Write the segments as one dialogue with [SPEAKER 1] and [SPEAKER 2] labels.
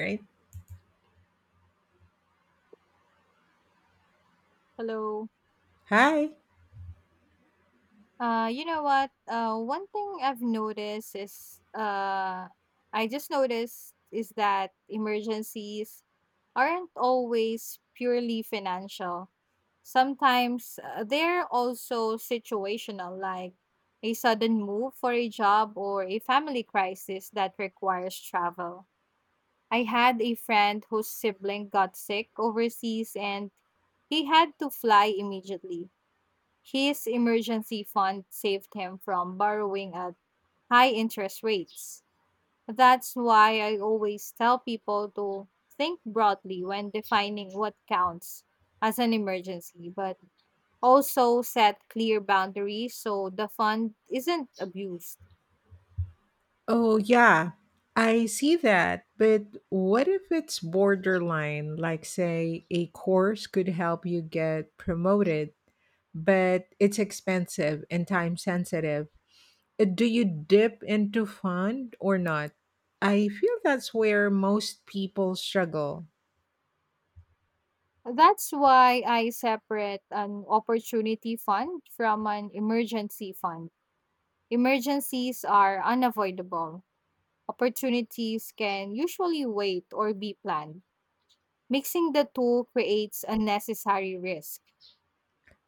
[SPEAKER 1] Right?
[SPEAKER 2] Hello.
[SPEAKER 1] Hi.
[SPEAKER 2] You know what? One thing I've noticed is I just noticed is that emergencies aren't always purely financial. Sometimes they're also situational, like a sudden move for a job or a family crisis that requires travel. I had a friend whose sibling got sick overseas and he had to fly immediately. His emergency fund saved him from borrowing at high interest rates. That's why I always tell people to think broadly when defining what counts as an emergency, but also set clear boundaries so the fund isn't abused.
[SPEAKER 1] Oh, yeah. I see that. But what if it's borderline? Like, say, a course could help you get promoted, but it's expensive and time sensitive. Do you dip into fun or not? I feel that's where most people struggle.
[SPEAKER 2] That's why I separate an opportunity fund from an emergency fund. Emergencies are unavoidable. Opportunities can usually wait or be planned. Mixing the two creates unnecessary risk.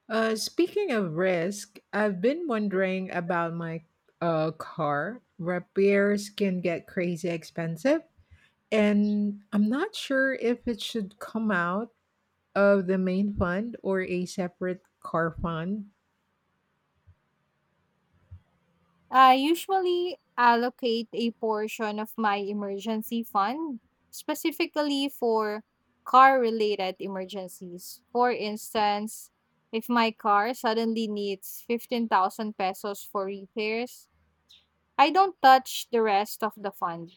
[SPEAKER 1] Speaking of risk, I've been wondering about my car. Repairs can get crazy expensive, and I'm not sure if it should come out of the main fund or a separate car fund.
[SPEAKER 2] I usually allocate a portion of my emergency fund specifically for car related emergencies. For instance, if my car suddenly needs 15,000 pesos for repairs, I don't touch the rest of the fund.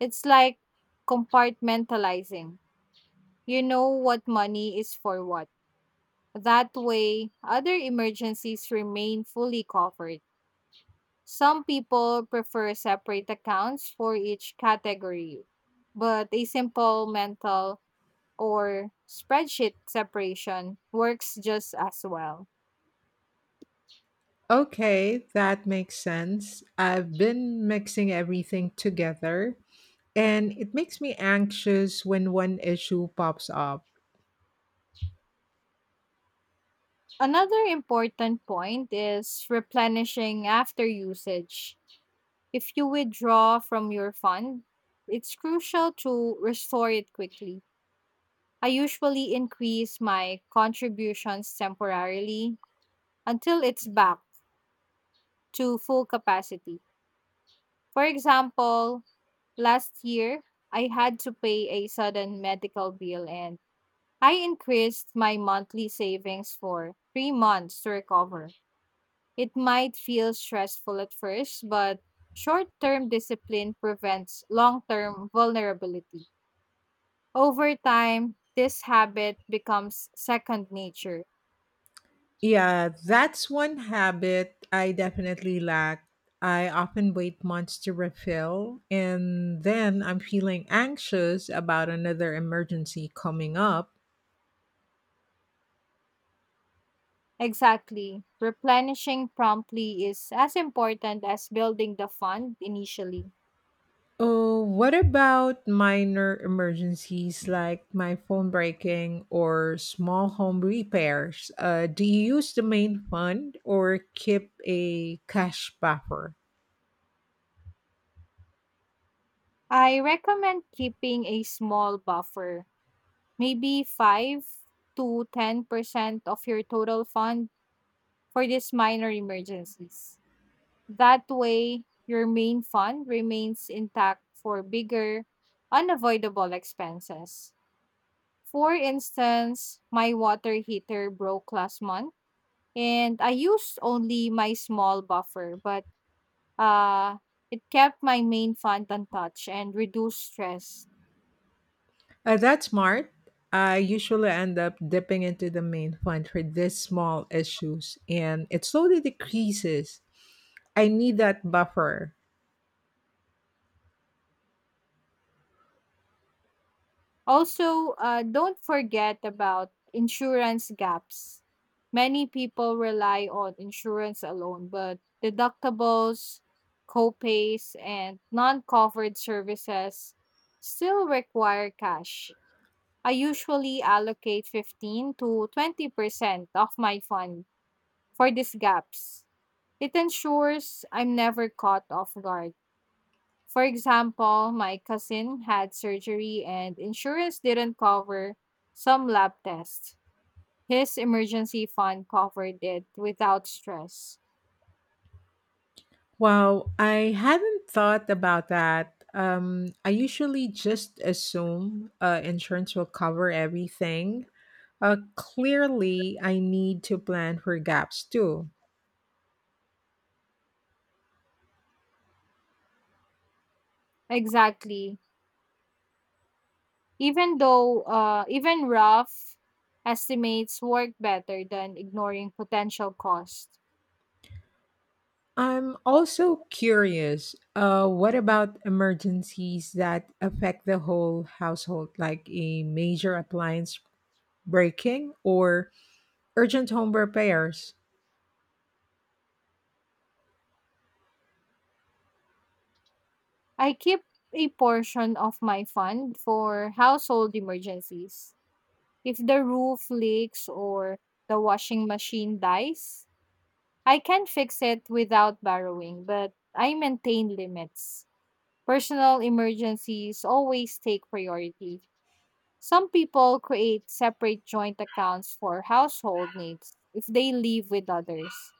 [SPEAKER 2] It's like compartmentalizing. You know what money is for what. That way, other emergencies remain fully covered. Some people prefer separate accounts for each category, but a simple mental or spreadsheet separation works just as well.
[SPEAKER 1] Okay, that makes sense. I've been mixing everything together, and it makes me anxious when one issue pops up.
[SPEAKER 2] Another important point is replenishing after usage. If you withdraw from your fund, it's crucial to restore it quickly. I usually increase my contributions temporarily until it's back to full capacity. For example, last year, I had to pay a sudden medical bill and I increased my monthly savings for 3 months to recover. It might feel stressful at first, but short term discipline prevents long term vulnerability. Over time, this habit becomes second nature.
[SPEAKER 1] Yeah, that's one habit I definitely lack. I often wait months to refill, and then I'm feeling anxious about another emergency coming up.
[SPEAKER 2] Exactly. Replenishing promptly is as important as building the fund initially.
[SPEAKER 1] Oh, what about minor emergencies like my phone breaking or small home repairs? Do you use the main fund or keep a cash buffer?
[SPEAKER 2] I recommend keeping a small buffer, maybe 5 to 10% of your total fund for these minor emergencies. That way, your main fund remains intact for bigger, unavoidable expenses. For instance, my water heater broke last month and I used only my small buffer, but uh, it kept my main font untouched and reduced stress.
[SPEAKER 1] That's smart. I usually end up dipping into the main fund for these small issues, and it slowly decreases. I need that buffer.
[SPEAKER 2] Also, don't forget about insurance gaps. Many people rely on insurance alone, but deductibles, copays, and non covered services still require cash. I usually allocate 15 to 20% of my fund for these gaps. It ensures I'm never caught off guard. For example, my cousin had surgery and insurance didn't cover some lab tests. His emergency fund covered it without stress.
[SPEAKER 1] Wow, I hadn't thought about that. I usually just assume insurance will cover everything. Clearly, I need to plan for gaps too.
[SPEAKER 2] Exactly. Even rough estimates work better than ignoring potential costs.
[SPEAKER 1] I'm also curious, what about emergencies that affect the whole household, like a major appliance breaking or urgent home repairs?
[SPEAKER 2] I keep a portion of my fund for household emergencies. If the roof leaks or the washing machine dies, I can fix it without borrowing, but I maintain limits. Personal emergencies always take priority. Some people create separate joint accounts for household needs if they live with others.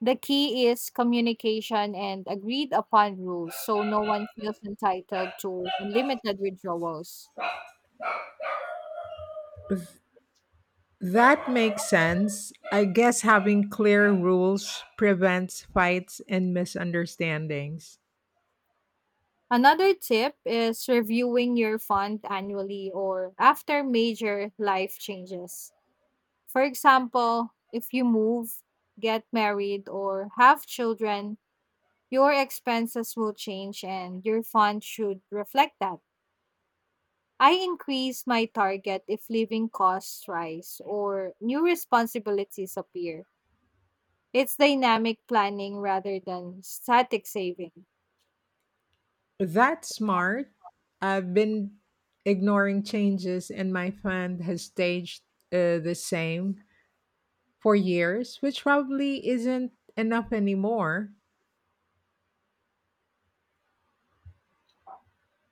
[SPEAKER 2] The key is communication and agreed upon rules so no one feels entitled to unlimited withdrawals.
[SPEAKER 1] That makes sense. I guess having clear rules prevents fights and misunderstandings.
[SPEAKER 2] Another tip is reviewing your fund annually or after major life changes. For example, if you move, get married, or have children, your expenses will change and your fund should reflect that. I increase my target if living costs rise or new responsibilities appear. It's dynamic planning rather than static saving.
[SPEAKER 1] That's smart. I've been ignoring changes, and my fund has staged the same for years, which probably isn't enough anymore.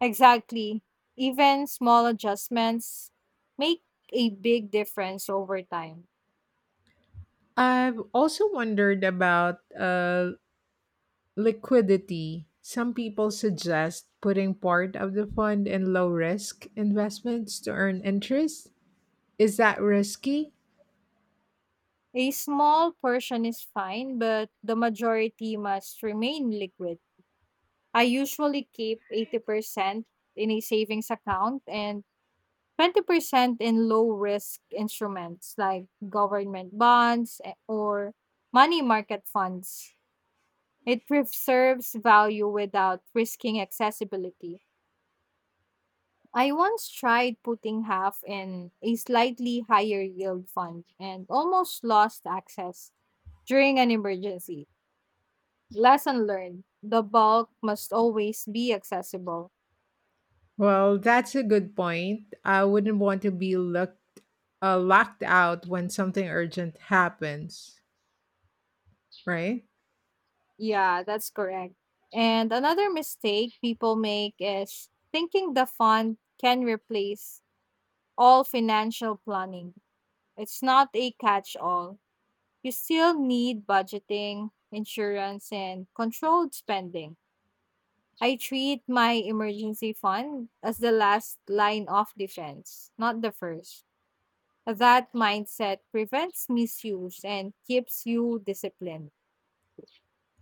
[SPEAKER 2] Exactly. Even small adjustments make a big difference over time.
[SPEAKER 1] I've also wondered about liquidity. Some people suggest putting part of the fund in low risk investments to earn interest. Is that risky?
[SPEAKER 2] A small portion is fine, but the majority must remain liquid. I usually keep 80% in a savings account and 20% in low risk instruments like government bonds or money market funds. It preserves value without risking accessibility. I once tried putting half in a slightly higher yield fund and almost lost access during an emergency. Lesson learned, the bulk must always be accessible.
[SPEAKER 1] Well, that's a good point. I wouldn't want to be locked out when something urgent happens, right?
[SPEAKER 2] Yeah, that's correct. And another mistake people make is thinking the fund can replace all financial planning. It's not a catch all. You still need budgeting, insurance, and controlled spending. I treat my emergency fund as the last line of defense, not the first. That mindset prevents misuse and keeps you disciplined.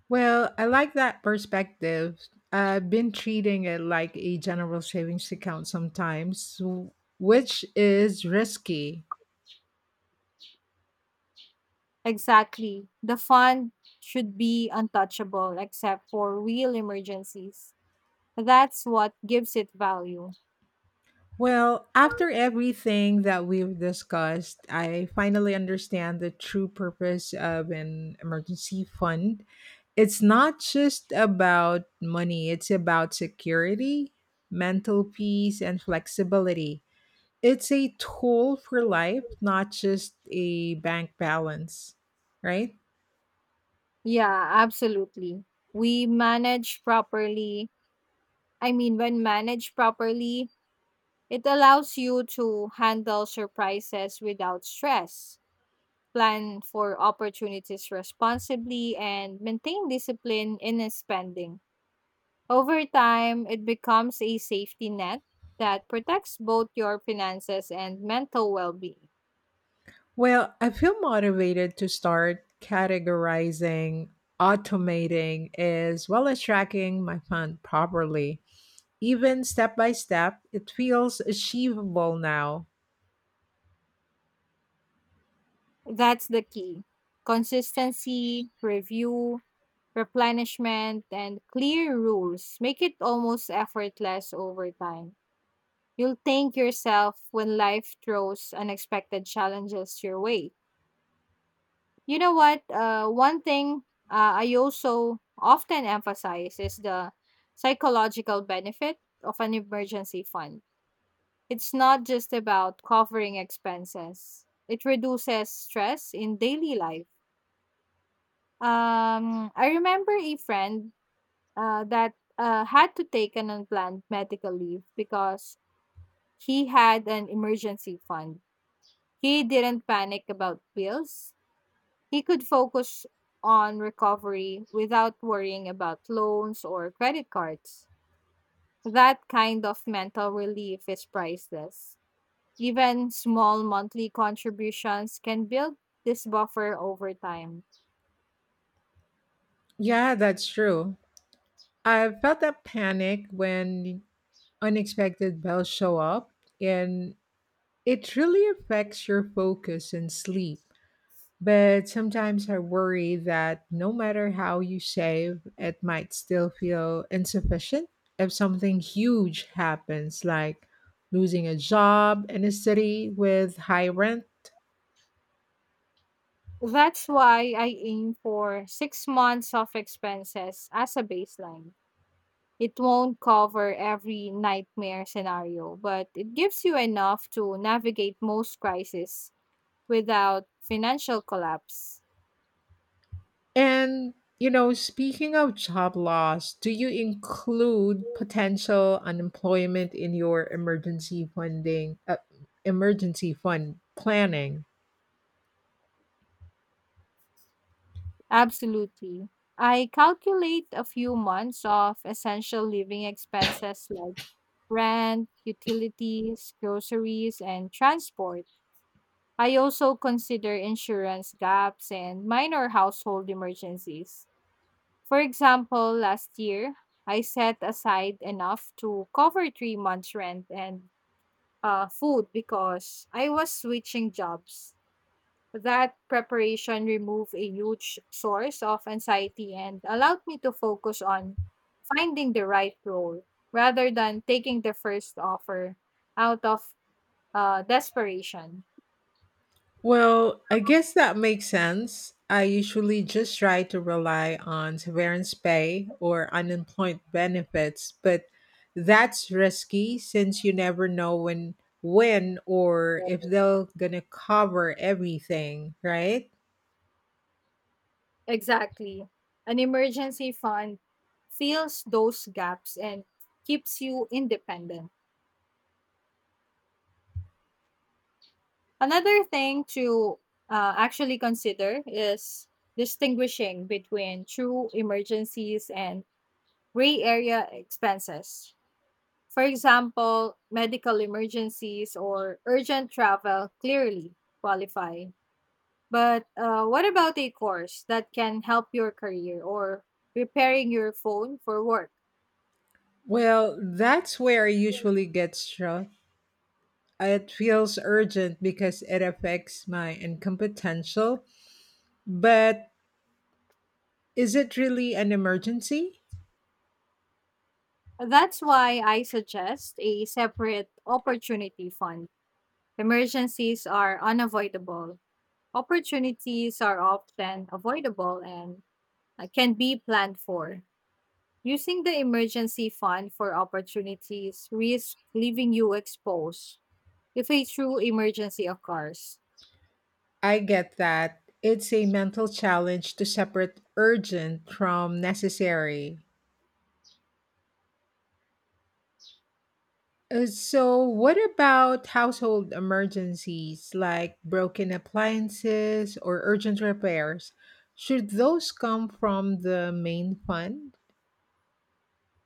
[SPEAKER 1] Well, I like that perspective. I've been treating it like a general savings account sometimes, which is risky.
[SPEAKER 2] Exactly. The fund should be untouchable except for real emergencies. That's what gives it value.
[SPEAKER 1] Well, after everything that we've discussed, I finally understand the true purpose of an emergency fund. It's not just about money, it's about security, mental peace, and flexibility. It's a tool for life, not just a bank balance, right?
[SPEAKER 2] Yeah, absolutely. We manage properly. I mean, when managed properly, it allows you to handle surprises without stress, plan for opportunities responsibly, and maintain discipline in his spending. Over time, it becomes a safety net that protects both your finances and mental well being.
[SPEAKER 1] Well, I feel motivated to start categorizing, automating, as well as tracking my fund properly. Even step by step, it feels achievable now.
[SPEAKER 2] That's the key: consistency, review, replenishment, and clear rules make it almost effortless over time. You'll thank yourself when life throws unexpected challenges your way. You know what? One thing I also often emphasize is the psychological benefit of an emergency fund. It's not just about covering expenses, it reduces stress in daily life. I remember a friend that had to take an unplanned medical leave. Because he had an emergency fund, he didn't panic about bills. He could focus on recovery without worrying about loans or credit cards. That kind of mental relief is priceless. Even small monthly contributions can build this buffer over time.
[SPEAKER 1] Yeah, that's true. I felt that panic when unexpected bills show up, and it really affects your focus and sleep. But sometimes I worry that no matter how you save, it might still feel insufficient if something huge happens, like losing a job in a city with high rent.
[SPEAKER 2] That's why I aim for 6 months of expenses as a baseline. It won't cover every nightmare scenario, but it gives you enough to navigate most crises without financial collapse.
[SPEAKER 1] And, you know, speaking of job loss, do you include potential unemployment in your emergency fund planning?
[SPEAKER 2] Absolutely. I calculate a few months of essential living expenses like rent, utilities, groceries, and transport. I also consider insurance gaps and minor household emergencies. For example, last year, I set aside enough to cover 3 months' rent and food because I was switching jobs. That preparation removed a huge source of anxiety and allowed me to focus on finding the right role rather than taking the first offer out of desperation.
[SPEAKER 1] Well, I guess that makes sense. I usually just try to rely on severance pay or unemployment benefits, but that's risky since you never know when or if they're going to cover everything, right?
[SPEAKER 2] Exactly. An emergency fund fills those gaps and keeps you independent. Another thing to actually consider is distinguishing between true emergencies and gray area expenses. For example, medical emergencies or urgent travel clearly qualify. But what about a course that can help your career or repairing your phone for work?
[SPEAKER 1] Well, that's where I usually get struck. It feels urgent because it affects my income potential, but is it really an emergency?
[SPEAKER 2] That's why I suggest a separate opportunity fund. Emergencies are unavoidable. Opportunities are often avoidable and can be planned for. Using the emergency fund for opportunities risks leaving you exposed if a true emergency occurs.
[SPEAKER 1] I get that. It's a mental challenge to separate urgent from necessary. So, what about household emergencies like broken appliances or urgent repairs? Should those come from the main fund?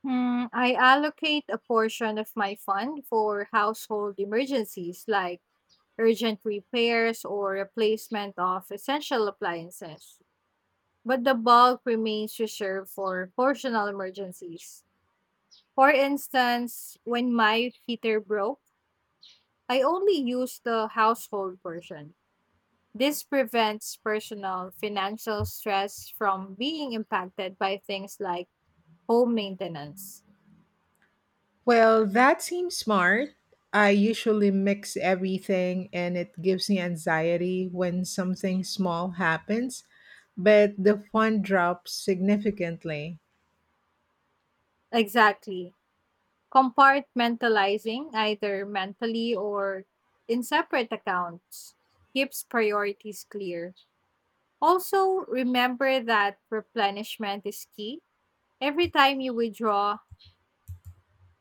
[SPEAKER 2] I allocate a portion of my fund for household emergencies like urgent repairs or replacement of essential appliances. But the bulk remains reserved for personal emergencies. For instance, when my heater broke, I only use the household portion. This prevents personal financial stress from being impacted by things like home maintenance.
[SPEAKER 1] Well, that seems smart. I usually mix everything, and it gives me anxiety when something small happens, but the fund drops significantly.
[SPEAKER 2] Exactly. Compartmentalizing, either mentally or in separate accounts, keeps priorities clear. Also, remember that replenishment is key. Every time you withdraw,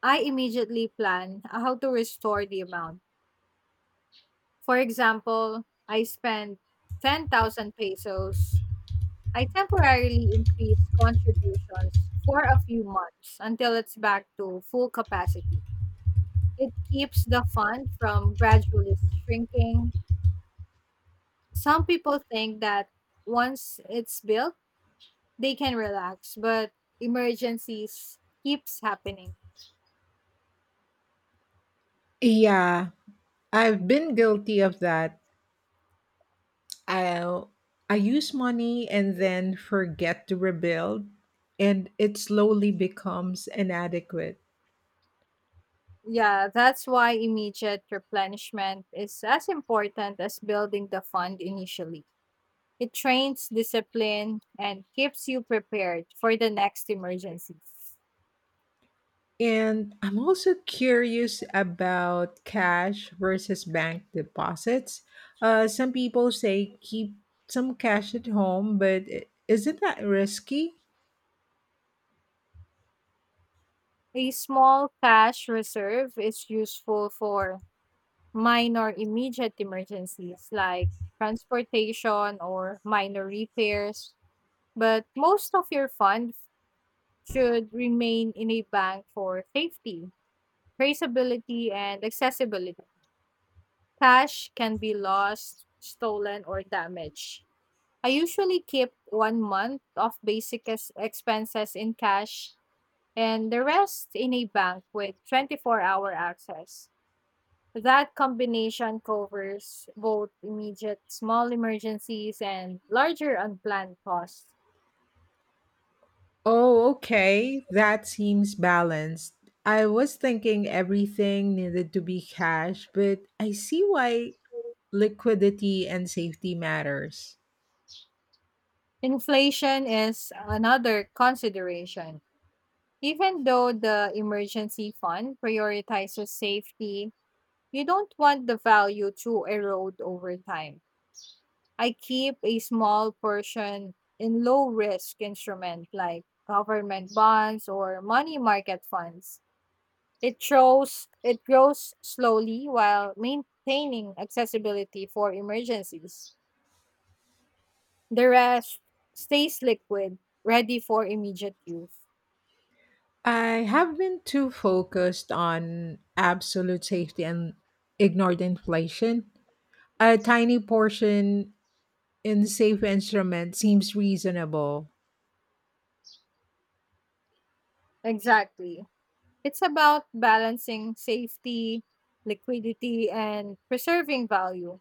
[SPEAKER 2] I immediately plan how to restore the amount. For example, I spend 10,000 pesos. I temporarily increase contributions for a few months until it's back to full capacity. It keeps the fund from gradually shrinking. Some people think that once it's built, they can relax, but emergencies keeps happening.
[SPEAKER 1] Yeah, I've been guilty of that. I I use money and then forget to rebuild, and it slowly becomes inadequate.
[SPEAKER 2] Yeah, that's why immediate replenishment is as important as building the fund initially. It trains discipline and keeps you prepared for the next emergencies.
[SPEAKER 1] And I'm also curious about cash versus bank deposits. Some people say keep some cash at home, but isn't that risky?
[SPEAKER 2] A small cash reserve is useful for minor immediate emergencies like transportation or minor repairs, but most of your funds should remain in a bank for safety, traceability, and accessibility. Cash can be lost, stolen, or damaged. I usually keep 1 month of basic expenses in cash and the rest in a bank with 24 hour access. That combination covers both immediate small emergencies and larger unplanned costs.
[SPEAKER 1] Oh, okay. That seems balanced. I was thinking everything needed to be cash, but I see why liquidity and safety matters.
[SPEAKER 2] Inflation is another consideration. Even though the emergency fund prioritizes safety, you don't want the value to erode over time. I keep a small portion in low risk instruments like government bonds or money market funds. It shows it grows slowly while maintaining accessibility for emergencies. The rest stays liquid, ready for immediate use.
[SPEAKER 1] I have been too focused on absolute safety and ignored inflation. A tiny portion in safe instrument seems reasonable.
[SPEAKER 2] Exactly. It's about balancing safety, liquidity, and preserving value.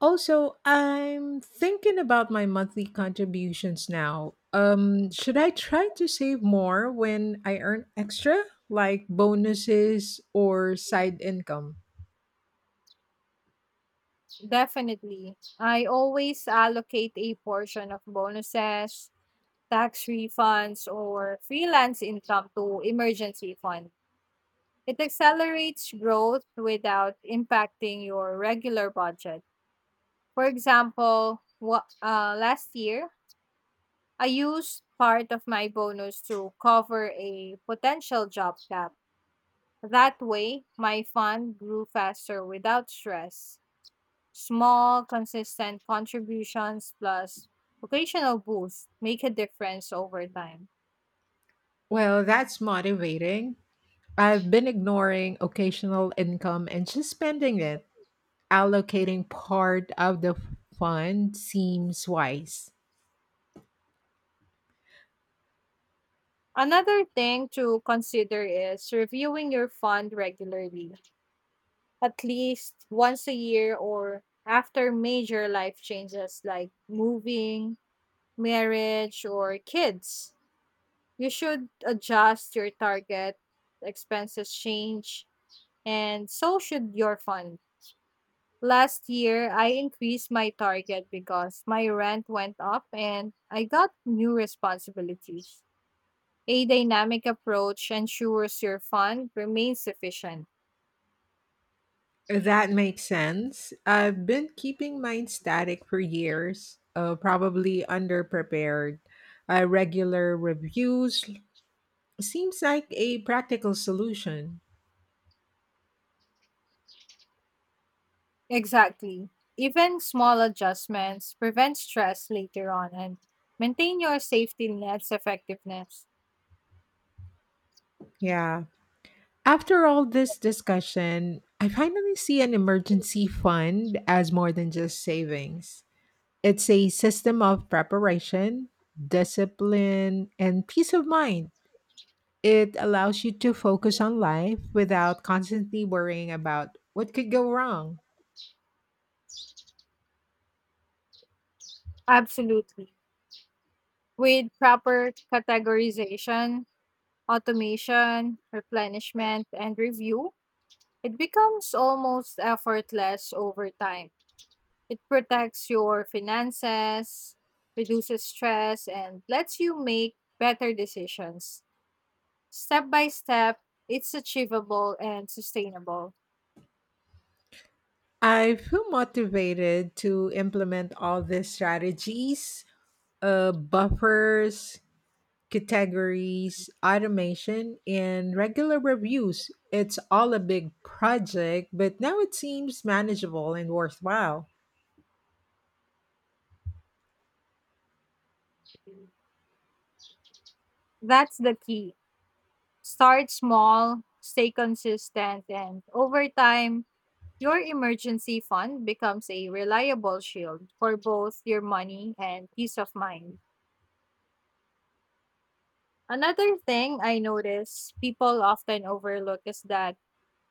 [SPEAKER 1] Also, I'm thinking about my monthly contributions now. Should I try to save more when I earn extra, like bonuses or side income?
[SPEAKER 2] Definitely. I always allocate a portion of bonuses, tax refunds, or freelance income to emergency fund. It accelerates growth without impacting your regular budget. For example, last year, I used part of my bonus to cover a potential job gap. That way, my fund grew faster without stress. Small, consistent contributions plus occasional boosts make a difference over time.
[SPEAKER 1] Well, that's motivating. I've been ignoring occasional income and just spending it. Allocating part of the fund seems wise.
[SPEAKER 2] Another thing to consider is reviewing your fund regularly, at least once a year or after major life changes like moving, marriage, or kids. You should adjust your target, expenses change, and so should your fund. Last year, I increased my target because my rent went up and I got new responsibilities. A dynamic approach ensures your fund remains efficient.
[SPEAKER 1] That makes sense. I've been keeping mine static for years, probably underprepared. Regular reviews seems like a practical solution.
[SPEAKER 2] Exactly. Even small adjustments prevent stress later on and maintain your safety net's effectiveness.
[SPEAKER 1] Yeah. After all this discussion, I finally see an emergency fund as more than just savings. It's a system of preparation, discipline, and peace of mind. It allows you to focus on life without constantly worrying about what could go wrong.
[SPEAKER 2] Absolutely. With proper categorization, automation, replenishment, and review, it becomes almost effortless over time. It protects your finances, reduces stress, and lets you make better decisions. Step by step, it's achievable and sustainable.
[SPEAKER 1] I feel motivated to implement all these strategies, buffers, categories, automation, and regular reviews. It's all a big project, but now it seems manageable and worthwhile.
[SPEAKER 2] That's the key. Start small, stay consistent, and over time, your emergency fund becomes a reliable shield for both your money and peace of mind. Another thing I notice people often overlook is that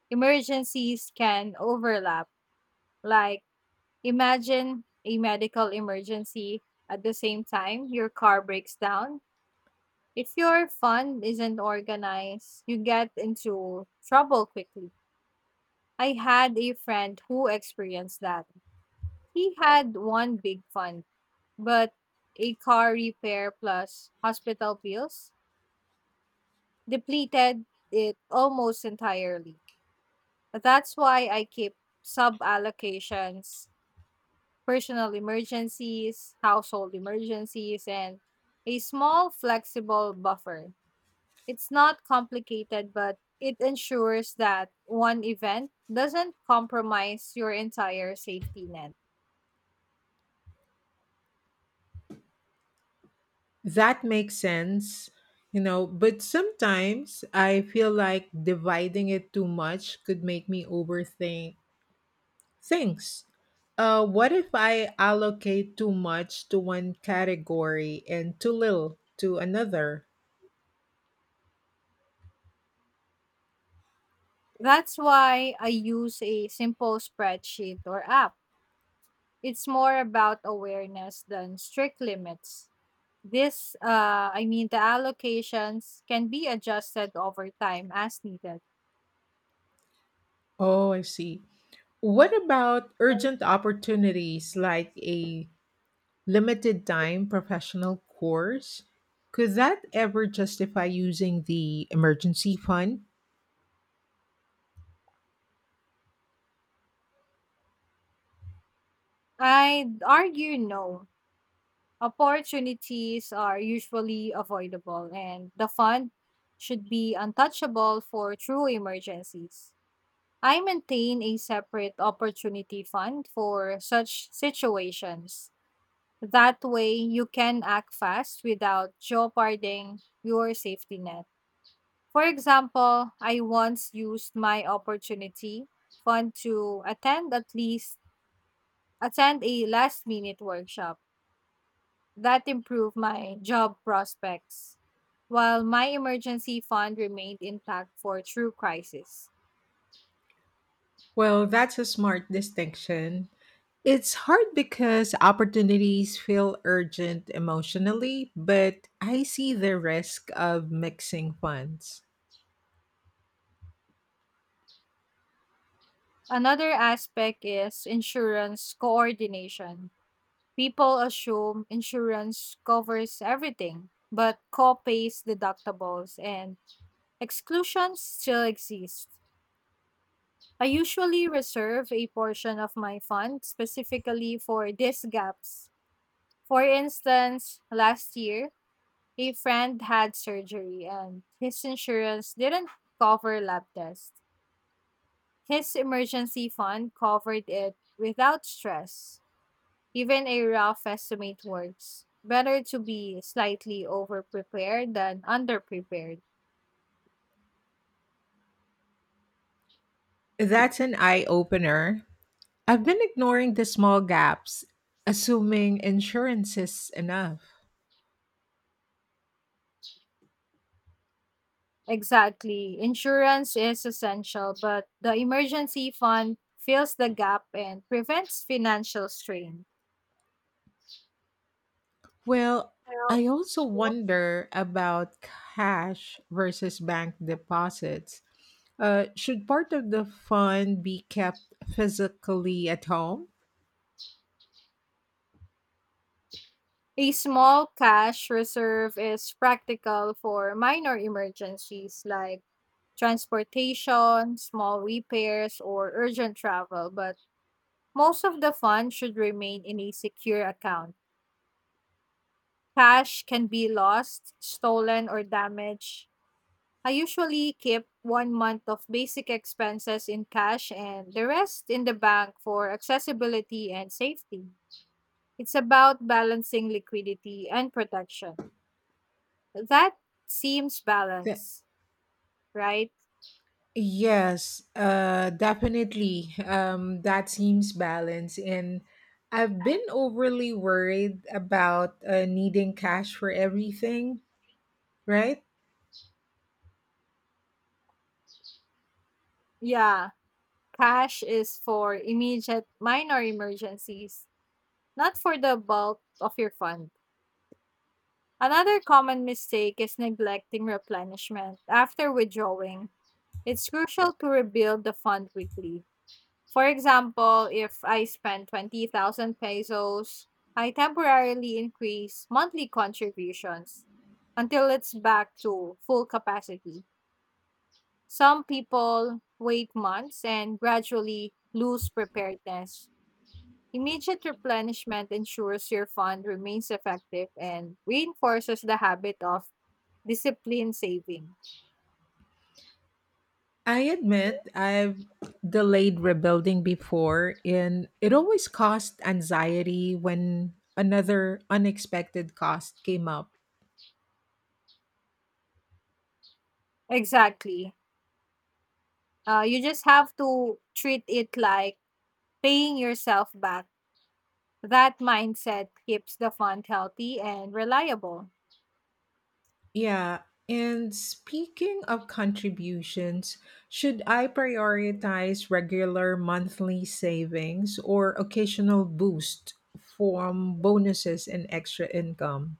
[SPEAKER 2] emergencies can overlap. Like, imagine a medical emergency at the same time your car breaks down. If your fund isn't organized, you get into trouble quickly. I had a friend who experienced that. He had one big fund, but a car repair plus hospital bills depleted it almost entirely. That's why I keep sub allocations: personal emergencies, household emergencies, and a small flexible buffer. It's not complicated, but it ensures that one event doesn't compromise your entire safety net.
[SPEAKER 1] That makes sense, you know, but sometimes I feel like dividing it too much could make me overthink things. What if I allocate too much to one category and too little to another?
[SPEAKER 2] That's why I use a simple spreadsheet or app. It's more about awareness than strict limits. The allocations can be adjusted over time as needed.
[SPEAKER 1] Oh, I see. What about urgent opportunities like a limited time professional course? Could that ever justify using the emergency fund?
[SPEAKER 2] I'd argue no. Opportunities are usually avoidable, and the fund should be untouchable for true emergencies. I maintain a separate opportunity fund for such situations. That way, you can act fast without jeopardizing your safety net. For example, I once used my opportunity fund to attend at least attend a last minute workshop that improved my job prospects while my emergency fund remained intact for true crisis.
[SPEAKER 1] Well, that's a smart distinction. It's hard because opportunities feel urgent emotionally, but I see the risk of mixing funds.
[SPEAKER 2] Another aspect is insurance coordination. People assume insurance covers everything, but co-pays, deductibles, and exclusions still exist. I usually reserve a portion of my fund specifically for these gaps. For instance, last year, a friend had surgery and his insurance didn't cover lab tests. His emergency fund covered it without stress. Even a rough estimate works. Better to be slightly overprepared than underprepared.
[SPEAKER 1] That's an eye opener. I've been ignoring the small gaps, assuming insurance is enough.
[SPEAKER 2] Exactly. Insurance is essential, but the emergency fund fills the gap and prevents financial strain.
[SPEAKER 1] Well,
[SPEAKER 2] Well,
[SPEAKER 1] I also wonder about cash versus bank deposits. Should part of the fund be kept physically at home?
[SPEAKER 2] a small cash reserve is practical for minor emergencies like transportation, small repairs, or urgent travel, but most of the fund should remain in a secure account. Cash can be lost, stolen, or damaged. I usually keep 1 month of basic expenses in cash and the rest in the bank for accessibility and safety. It's about balancing liquidity and protection. That seems
[SPEAKER 1] The
[SPEAKER 2] balanced, right?
[SPEAKER 1] yes, definitely. That seems balanced. And I've been overly worried about needing cash for everything, right?
[SPEAKER 2] Yeah, cash is for immediate minor emergencies, not for the bulk of your fund. Another common mistake is neglecting replenishment after withdrawing. It's crucial to rebuild the fund weekly. For example, if I spend 20,000 pesos, I temporarily increase monthly contributions until it's back to full capacity. Some people wait months and gradually lose preparedness. Immediate replenishment ensures your fund remains effective and reinforces the habit of discipline saving.
[SPEAKER 1] I admit I've delayed rebuilding before, and it always caused anxiety when another unexpected cost came up.
[SPEAKER 2] Exactly. You just have to treat it like paying yourself back. That mindset keeps the fund healthy and reliable.
[SPEAKER 1] Yeah. And speaking of contributions, should I prioritize regular monthly savings or occasional boost from bonuses and extra income?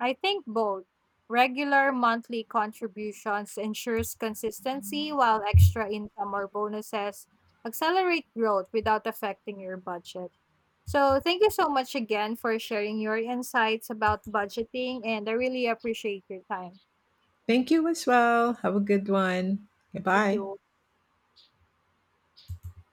[SPEAKER 2] I think both regular monthly contributions ensures consistency while extra income or bonuses accelerate growth without affecting your budget. So, thank you so much again for sharing your insights about budgeting and I really appreciate your time.
[SPEAKER 1] Thank you as well. Have a good one.
[SPEAKER 2] You
[SPEAKER 1] Goodbye.
[SPEAKER 2] too.